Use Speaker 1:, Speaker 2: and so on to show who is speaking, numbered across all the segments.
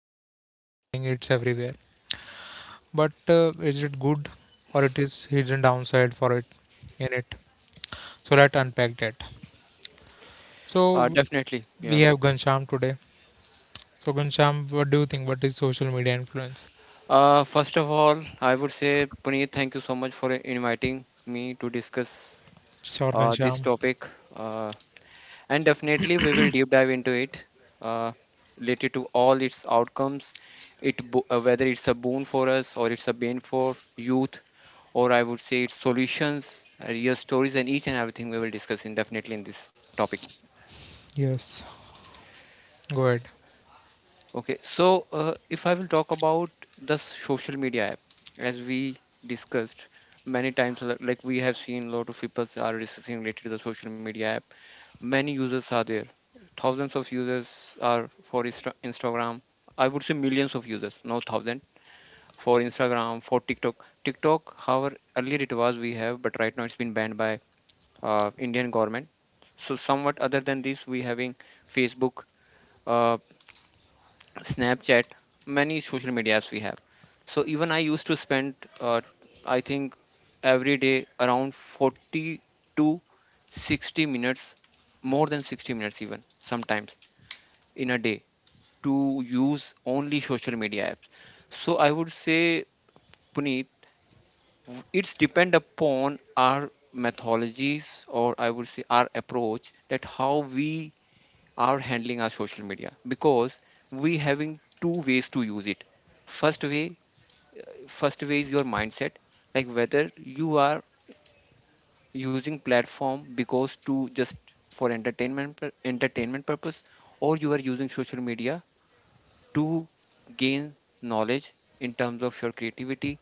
Speaker 1: influencer marketing, it's everywhere. But is it good or it is hidden downside for it in it? So, let's unpack that. So,
Speaker 2: Definitely,
Speaker 1: we
Speaker 2: yeah.
Speaker 1: have Gansham today. So, Gansham, what do you think? What is social media influence?
Speaker 2: First of all, I would say, Puneet, thank you so much for inviting me to discuss
Speaker 1: Sure,
Speaker 2: this
Speaker 1: Gansham.
Speaker 2: topic. Uh, and definitely, we will deep dive into it uh, related to all its outcomes, whether it's a boon for us or it's a bane for youth, or I would say its solutions, real stories, and each and everything we will discuss in definitely in this topic.
Speaker 1: Yes, go ahead.
Speaker 2: Okay, so if I will talk about the social media app, as we discussed many times, like we have seen a lot of people are discussing related to the social media app. Many users are there, thousands of users are for Instagram. I would say millions of users, no thousand, for Instagram, for TikTok. TikTok, however, earlier it was we have, but right now it's been banned by Indian government. So somewhat other than this, we having Facebook. Uh, Snapchat, many social media apps we have. So even I used to spend, uh, I think, every day around 40 to 60 minutes, more than 60 minutes even sometimes in a day to use only social media apps. So I would say, Puneet, it's depend upon our methodologies, or I would say our approach that how we are handling our social media, because we having two ways to use it. First way, first way is your mindset, like whether you are using platform because to just for entertainment purpose, or you are using social media to gain knowledge in terms of your creativity,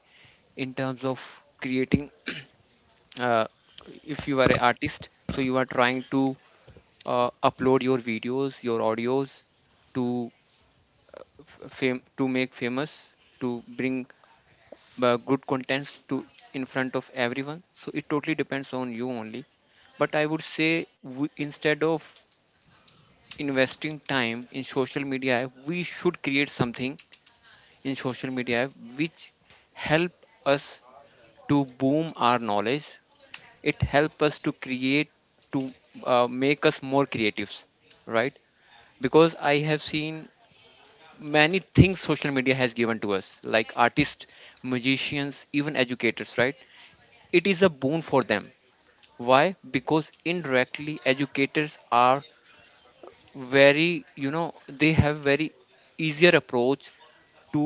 Speaker 2: in terms of creating. uh, if you are an artist, so you are trying to upload your videos, your audios, to fame, to make famous, to bring good contents to in front of everyone, so it totally depends on you only. But I would say we, instead of investing time in social media app, we should create something in social media app which help us to boom our knowledge. It help us to create, to make us more creatives, right? Because I have seen many things social media has given to us, like artists, musicians, even educators, right? It is a boon for them. Why? Because indirectly educators are very, you know, they have very easier approach to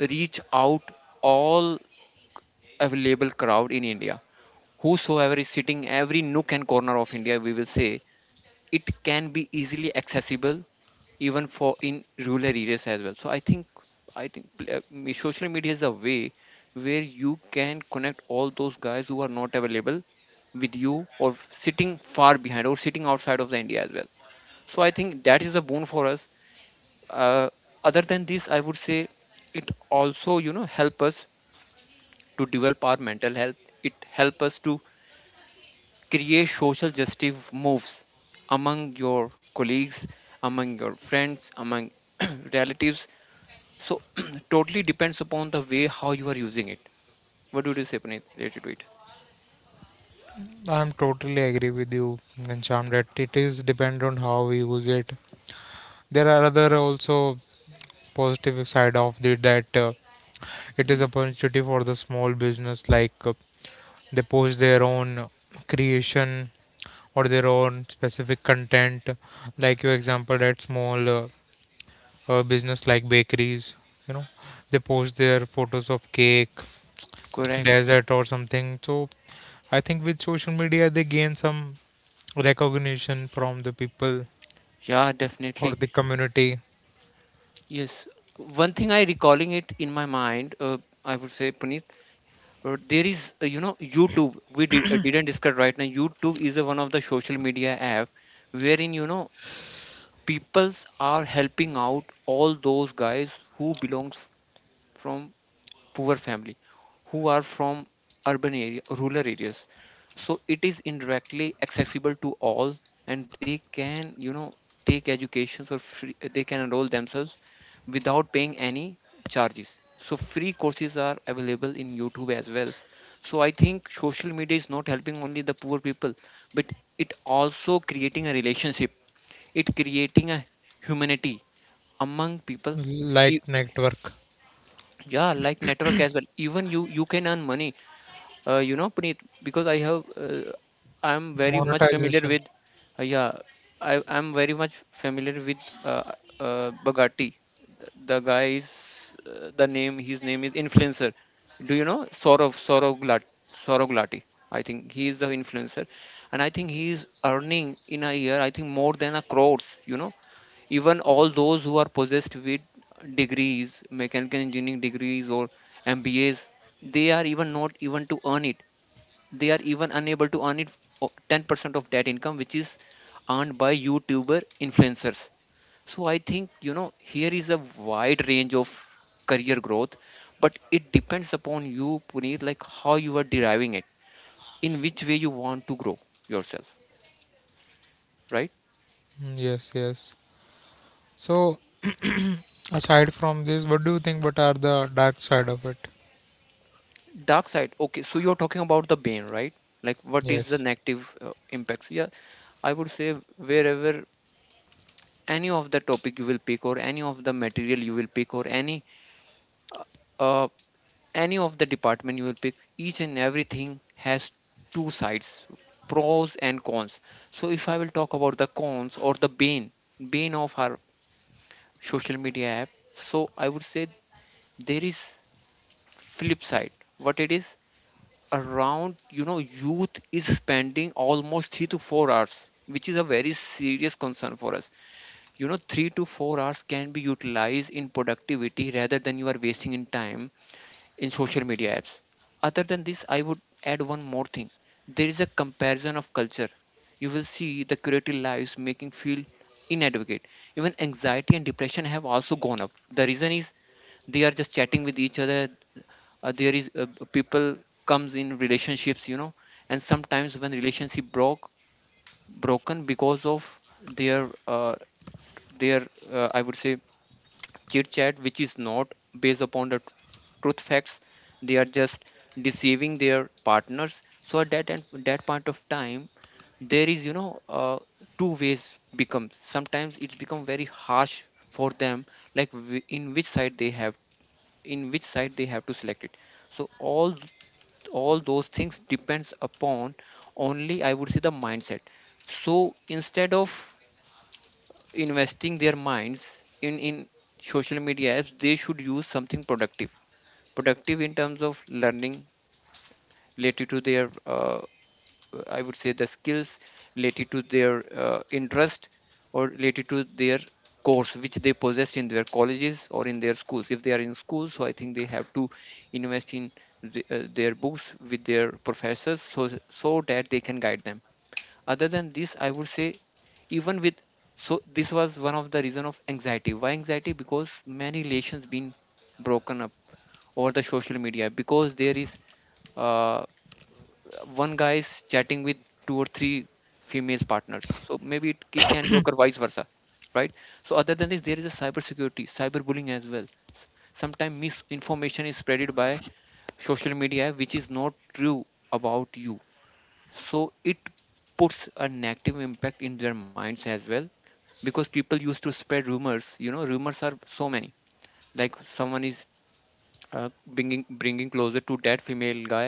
Speaker 2: reach out all available crowd in India, whosoever is sitting every nook and corner of India, we will say, it can be easily accessible even for in rural areas as well. So I think, social media is a way where you can connect all those guys who are not available with you or sitting far behind or sitting outside of the India as well. So I think that is a boon for us. uh, Other than this, I would say, it also, you know, help us to develop our mental health. It help us to create social justice moves among your colleagues, among your friends, among relatives. So totally depends upon the way how you are using it. What would you say, Puneet, related to it?
Speaker 1: I'm totally agree with you, Gansham, that it is depend on how we use it. There are other also positive side of it that it is
Speaker 2: Mm,
Speaker 1: opportunity for the small business like they post their own creation or their own specific content like your example that small business like bakeries, you know, they post their photos of cake
Speaker 2: correct.
Speaker 1: desert or something. So I think with social media they gain some recognition from the people
Speaker 2: Yeah,
Speaker 1: or
Speaker 2: definitely.
Speaker 1: the community,
Speaker 2: Yes, one thing I recalling it in my mind, I would say, Puneet, there is, you know, YouTube we did, didn't discuss. Right now YouTube is a, one of the social media app, wherein, you know, peoples are helping out all those guys who belongs from poor family, who are from urban area, rural areas. So it is indirectly accessible to all, and they can, you know, take educations or free, they can enroll themselves without paying any charges. So free courses are available in YouTube as well. So I think social media is not helping only the poor people, but it also creating a relationship, it creating a humanity among people. E-
Speaker 1: like network,
Speaker 2: yeah, like network as well. Even you can earn money, you know, Puneet, because I have, I'm very much familiar
Speaker 1: monetization.
Speaker 2: with. Yeah, I'm very much familiar with bagatti. The, the guy is, the name, his name is influencer. Do you know sorov sorovglat sorovglati? I think he is the influencer, and I think he is earning in a year, I think, more than a crores, you know. Even all those who are possessed with degrees, mechanical engineering degrees, or mbas, they are even not even to earn it, they are even unable to earn it 10% of that income which is earned by youtuber influencers. So I think, you know, here is a wide range of career growth, but it depends upon you, Puneet, like how you are deriving it, in which way you want to grow yourself, right?
Speaker 1: Mm, yes, yes. So, aside from this, what do you think? What are the dark side of it?
Speaker 2: Dark side. Okay, so you're talking about the bane, right? Like, what is the
Speaker 1: Yes.
Speaker 2: negative impacts? Yeah, I would say wherever any of the topic you will pick, or any of the material you will pick, or uh, any of the department you will pick, each and everything has two sides, pros and cons. So if I will talk about the cons or the bane, bane of our social media app, so I would say there is flip side. What it is? Around, you know, youth is spending almost 3 to 4 hours, which is a very serious concern for us. You know, 3 to 4 hours can be utilized in productivity rather than you are wasting in time in social media apps. Other than this, I would add one more thing. There is a comparison of culture, you will see the creative lives making feel inadequate, even anxiety and depression have also gone up. The reason is they are just chatting with each other. There is, people comes in relationships, you know, and sometimes when relationship broken because of their, their I would say, chit chat, which is not based upon the truth facts. They are just deceiving their partners, so at that and that point of time, there is, you know, two ways become. Sometimes it's become very harsh for them, like in which side they have to select it. So all those things depends upon only, I would say, the mindset. So instead of investing their minds in social media apps, they should use something productive, productive in terms of learning, related to their I would say, the skills, related to their interest, or related to their course which they possess in their colleges or in their schools. If they are in school, so I think they have to invest in their books with their professors, so, so that they can guide them. Other than this, I would say, even with. So this was one of the reason of anxiety. Why anxiety? Because many relations been broken up over the social media, because there is, uh, one guy is chatting with two or three female partners. So maybe it can be occur vice versa, right? So other than this, there is a cybersecurity, cyberbullying as well. Sometimes misinformation is spreaded by social media, which is not true about you. So it puts a negative impact in their minds as well, because people used to spread rumors. You know, rumors are so many. Like someone is, bringing closer to that female guy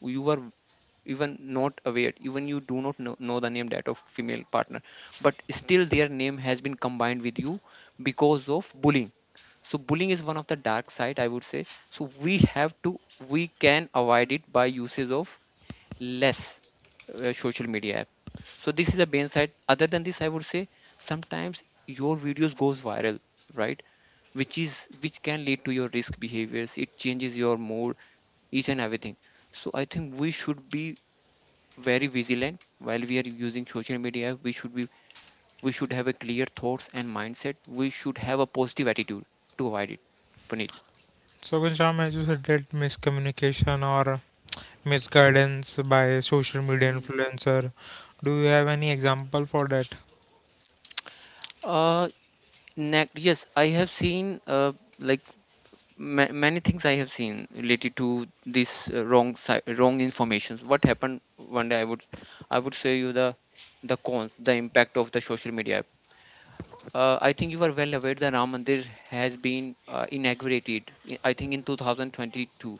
Speaker 2: who you were even not aware, even you do not know the name that of female partner, but still their name has been combined with you because of bullying. So bullying is one of the dark side, I would say. So we have to, we can avoid it by usage of less social media app. So this is the main side. Other than this, I would say, sometimes your videos goes viral, right? Which can lead to your risk behaviors, it changes your mood, each and everything. So I think we should be very vigilant while we are using social media. We should have a clear thoughts and mindset, we should have a positive attitude to avoid it, Puneet.
Speaker 1: So, Ghanshyam, as you said, that miscommunication or misguidance by social media
Speaker 2: Mm.
Speaker 1: influencer. Do you have any example for that?
Speaker 2: uh Next, yes, I have seen, like, many things I have seen related to this, wrong wrong informations. What happened one day? I would say you the cons, the impact of the social media. I think you are well aware the Ram Mandir has been inaugurated. I think in 2022,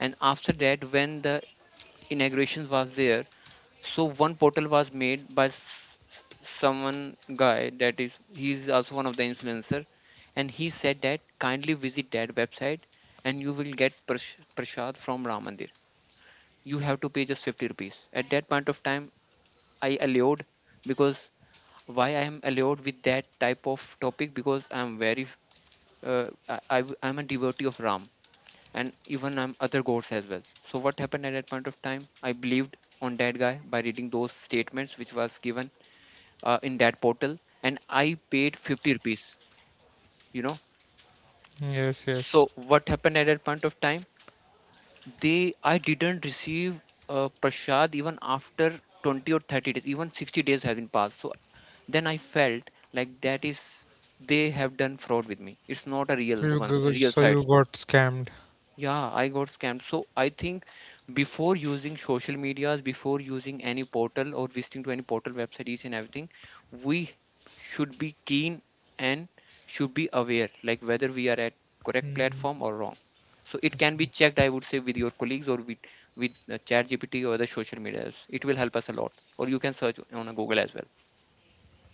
Speaker 2: and after that, when the inauguration was there, so one portal was made by someone guy that is he's also one of the influencer, and he said that kindly visit that website and you will get prashad from Ram Mandir. You have to pay just 50 rupees at that point of time. I allured because why I am allured with that type of topic? Because I am very I'm a devotee of Ram and even other gods as well. So what happened at that point of time? I believed on that guy by reading those statements which was given in that portal, and I paid 50 rupees, you know.
Speaker 1: Yes, yes.
Speaker 2: So what happened at that point of time? They I didn't receive prashad even after 20 or 30 days, even 60 days have been passed. So then I felt like that is they have done fraud with me. It's not a
Speaker 1: So
Speaker 2: real one, a real
Speaker 1: so you
Speaker 2: site.
Speaker 1: got scammed.
Speaker 2: Yeah, I got scammed. So I think before using social medias, before using any portal or visiting to any portal website, each and everything, we should be keen and should be aware, like whether we are at correct
Speaker 1: Mm,
Speaker 2: platform or wrong. So it
Speaker 1: yes.
Speaker 2: can be checked, I would say, with your colleagues or with ChatGPT or other social medias. It will help us a lot. Or you can search on a Google as well,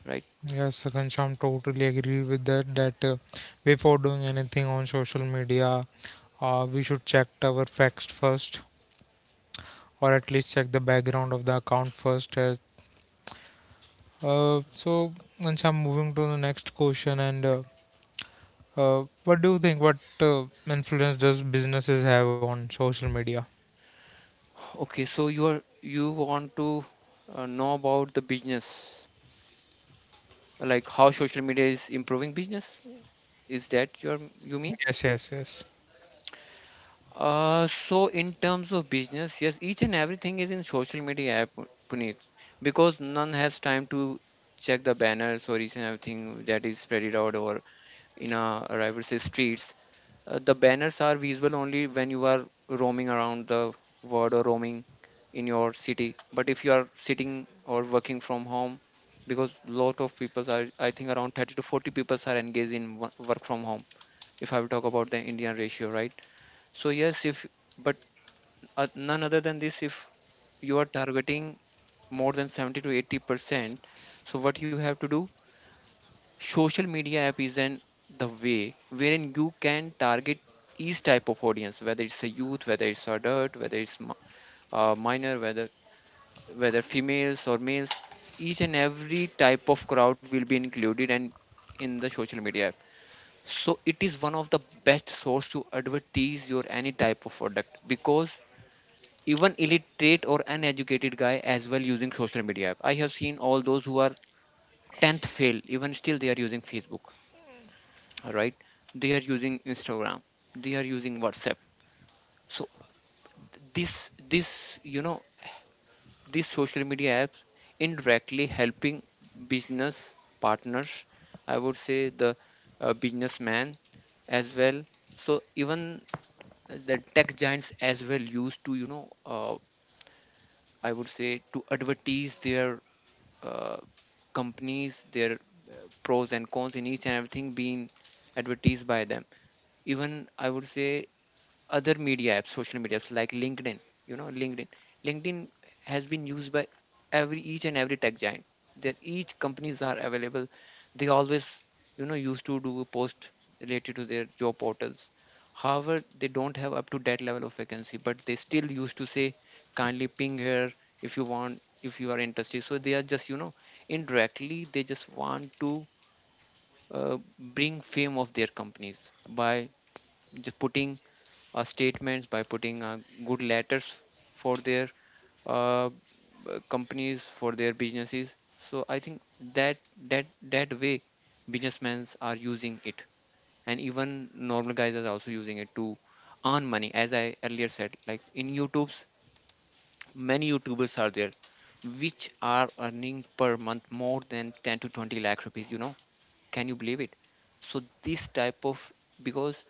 Speaker 2: right?
Speaker 1: Yes, Ghanshyam, totally agree with that. That before doing anything on social media, we should check our facts first, or at least check the background of the account first. So, Ghanshyam, moving to the next question, and what do you think? What influence does businesses have on social media?
Speaker 2: Okay, so you want to know about the business, like how social media is improving business? Is that you mean?
Speaker 1: Yes, yes, yes.
Speaker 2: So in terms of business, yes, each and everything is in social media app, Puneet, because none has time to check the banners or each and everything that is spread out or in a rival say streets. The banners are visible only when you are roaming around the world or roaming in your city. But if you are sitting or working from home, because lot of people are, I think around 30 to 40 people are engaged in work from home, if I will talk about the Indian ratio, right? So yes, if but none other than this, if you are targeting more than 70 to 80%, so what you have to do, social media app is an the way wherein you can target each type of audience, whether it's a youth, whether it's adult, whether it's minor, whether females or males, each and every type of crowd will be included and in the social media app, so it is one of the best source to advertise your any type of product. Because even illiterate or uneducated guy as well using social media app, I have seen all those who are 10th fail, even still they are using Facebook. All right, they are using Instagram, they are using WhatsApp. So this you know these social media apps indirectly helping business partners, I would say the businessman as well. So even the tech giants as well used to I would say to advertise their uh, companies, their pros and cons, in each and everything being advertised by them. Even I would say other media apps social media apps like LinkedIn, you know, LinkedIn has been used by every each and every tech giant, that each companies are available. They always, you know, used to do a post related to their job portals. However, they don't have up to that level of vacancy, but they still used to say kindly ping here if you want, if you are interested. So they are just, you know, indirectly they just want to uh, bring fame of their companies by just putting statements, by putting good letters for their uh, companies, for their businesses. So I think that that way businessmen are using it, and even normal guys are also using it to earn money, as I earlier said, like in YouTube's, many YouTubers are there which are earning per month more than 10 to 20 lakh rupees, you know. Can you believe it? So this type of, because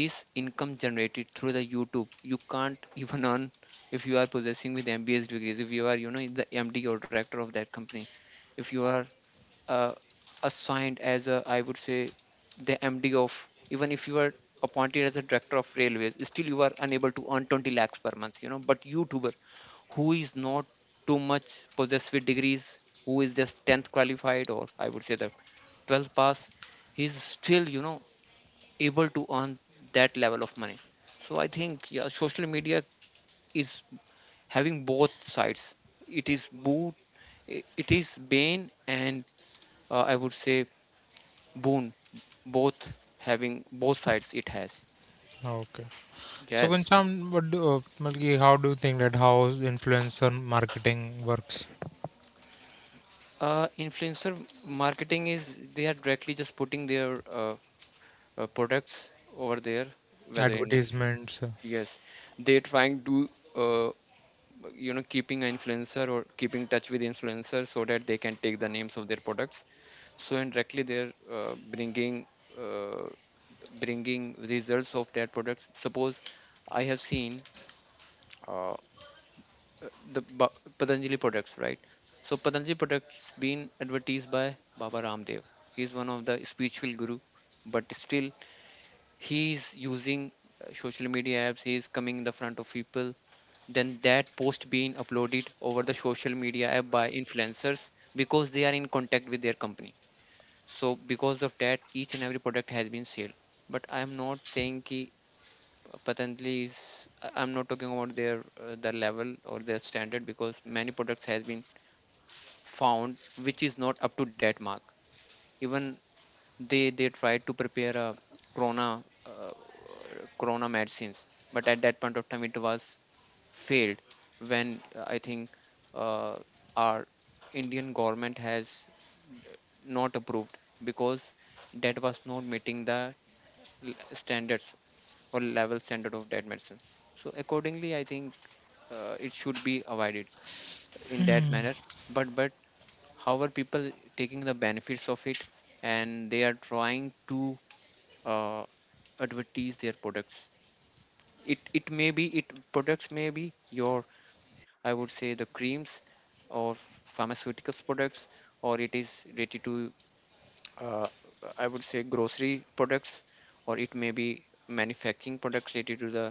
Speaker 2: this income generated through the YouTube, you can't even earn if you are possessing with M.B.A. degrees, if you are, you know, the MD or director of that company. If you are uh, assigned as a, I would say, the MD, of even if you are appointed as a director of railways, still you are unable to earn 20 lakhs per month, you know. But YouTuber who is not too much possessed with degrees, who is just 10th qualified or I would say the 12th pass, he's still, you know, able to earn that level of money. So I think yeah, social media is having both sides. It is boon, it is bane, and I would say boon, both. Having both sides it has.
Speaker 1: Okay. So,
Speaker 2: Yes,
Speaker 1: Ghanshyam, what do, मतलब कि how do you think that how influencer marketing works?
Speaker 2: influencer marketing is they are directly just putting their products over there, whether in a
Speaker 1: Advertisements.
Speaker 2: yes. They're trying to, uh, keeping an influencer or keeping touch with influencers so that they can take the names of their products. So indirectly they're bringing uh, bringing results of their products. Suppose I have seen uh, patanjali products, right? So Patanjali products been advertised by Baba Ramdev. He's one of the spiritual guru, but still he's using social media apps. He's coming in the front of people, then that post being uploaded over the social media app by influencers because they are in contact with their company. So because of that, each and every product has been sold. But I am not saying ki uh, patanjali is I'm not talking about their level or their standard, because many products has been found which is not up to that mark. Even they tried to prepare a corona, uh, corona medicines, but at that point of time it was failed, when I think uh, our Indian government has not approved, because that was not meeting the l- standards or level standard of that medicine. So accordingly I think it should be avoided in that manner. But how are people taking the benefits of it, and they are trying to uh, advertise their products. It products may be your, I would say, the creams or pharmaceuticals products, or it is related to uh, I would say grocery products, or it may be manufacturing products related to the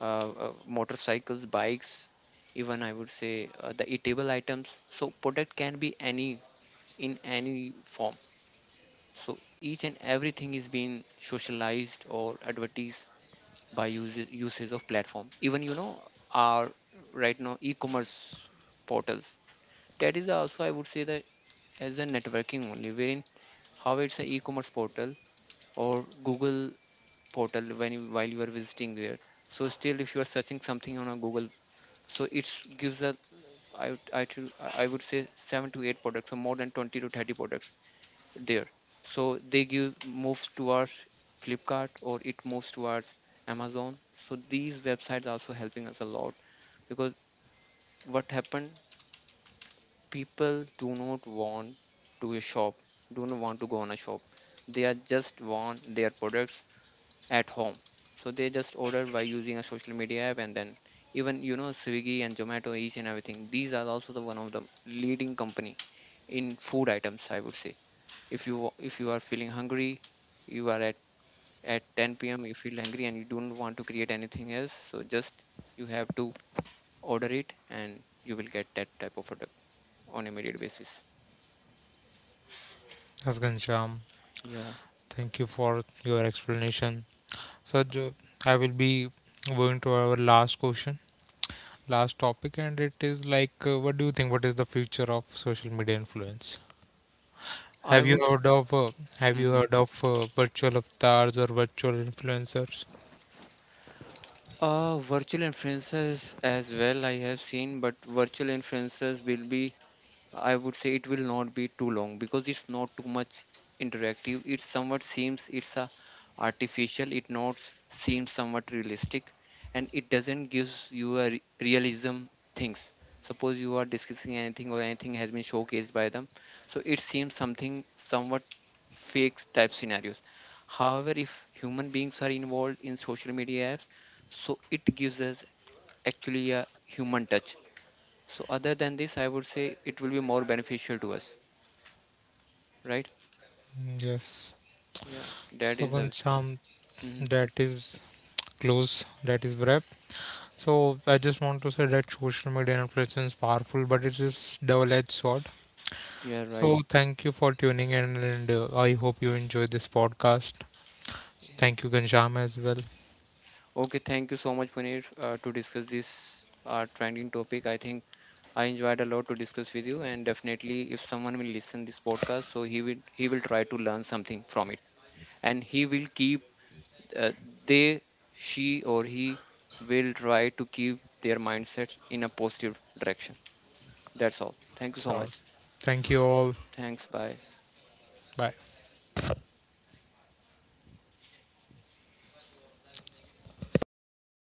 Speaker 2: uh, motorcycles, bikes. Even I would say the eatable items. So product can be any in any form. So each and everything is being socialized or advertised by uses usage of platform. Even you know our, right now, e-commerce portals, that is also, I would say, that as a networking only, wherein how it's an e e-commerce portal or Google portal, when you while you are visiting there. So still if you are searching something on a Google, so it gives a, I, would- I, should- I would say, 7 to 8 products or more than 20 to 30 products there. So they give moves towards Flipkart or it moves towards Amazon. So these websites also helping us a lot. Because what happened, people do not want to a shop, do not want to go on a shop. They are just want their products at home, so they just order by using a social media app. And then even you know Swiggy and Zomato, each and everything, these are also the one of the leading company in food items, I would say. If you are feeling hungry, you are at 10 p.m., you feel hungry and you don't want to create anything else, so just you have to order it and you will get that type of product on immediate basis.
Speaker 1: Yes, Ghanshyam.
Speaker 2: Yeah.
Speaker 1: Thank you for your explanation. So, I will be going to our last question, last topic, and it is like, what do you think? What is the future of social media influence?
Speaker 2: I
Speaker 1: Have you
Speaker 2: would
Speaker 1: heard of have you
Speaker 2: Mm-hmm.
Speaker 1: heard of virtual avatars or virtual influencers?
Speaker 2: Virtual influencers as well I have seen, but virtual influencers will be, I would say, it will not be too long because it's not too much interactive. It somewhat seems it's a artificial. It not s- seems somewhat realistic, and it doesn't gives you a realism things. Suppose you are discussing anything or anything has been showcased by them, so it seems something somewhat fake type scenarios. However, if human beings are involved in social media apps, so it gives us actually a human touch. So other than this, I would say it will be more beneficial to us, right?
Speaker 1: Yes.
Speaker 2: Yeah, that
Speaker 1: So,
Speaker 2: is the.
Speaker 1: Ghanshyam,
Speaker 2: Mhm.
Speaker 1: that is close. That is wrap. So, I just want to say that social media influence is powerful, but it is double-edged sword.
Speaker 2: Yeah,
Speaker 1: So,
Speaker 2: right.
Speaker 1: thank you for tuning in, and I hope you enjoyed this podcast. Thank you, Gansham, as well.
Speaker 2: Okay, thank you so much, Puneet, to discuss this trending topic. I think I enjoyed a lot to discuss with you, and definitely, if someone will listen this podcast, so he will try to learn something from it, and he will keep uh, they she or he will try to keep their mindset in a positive direction. That's all. Thank you so
Speaker 1: So,
Speaker 2: much.
Speaker 1: thank you all.
Speaker 2: Thanks. Bye.
Speaker 1: Bye.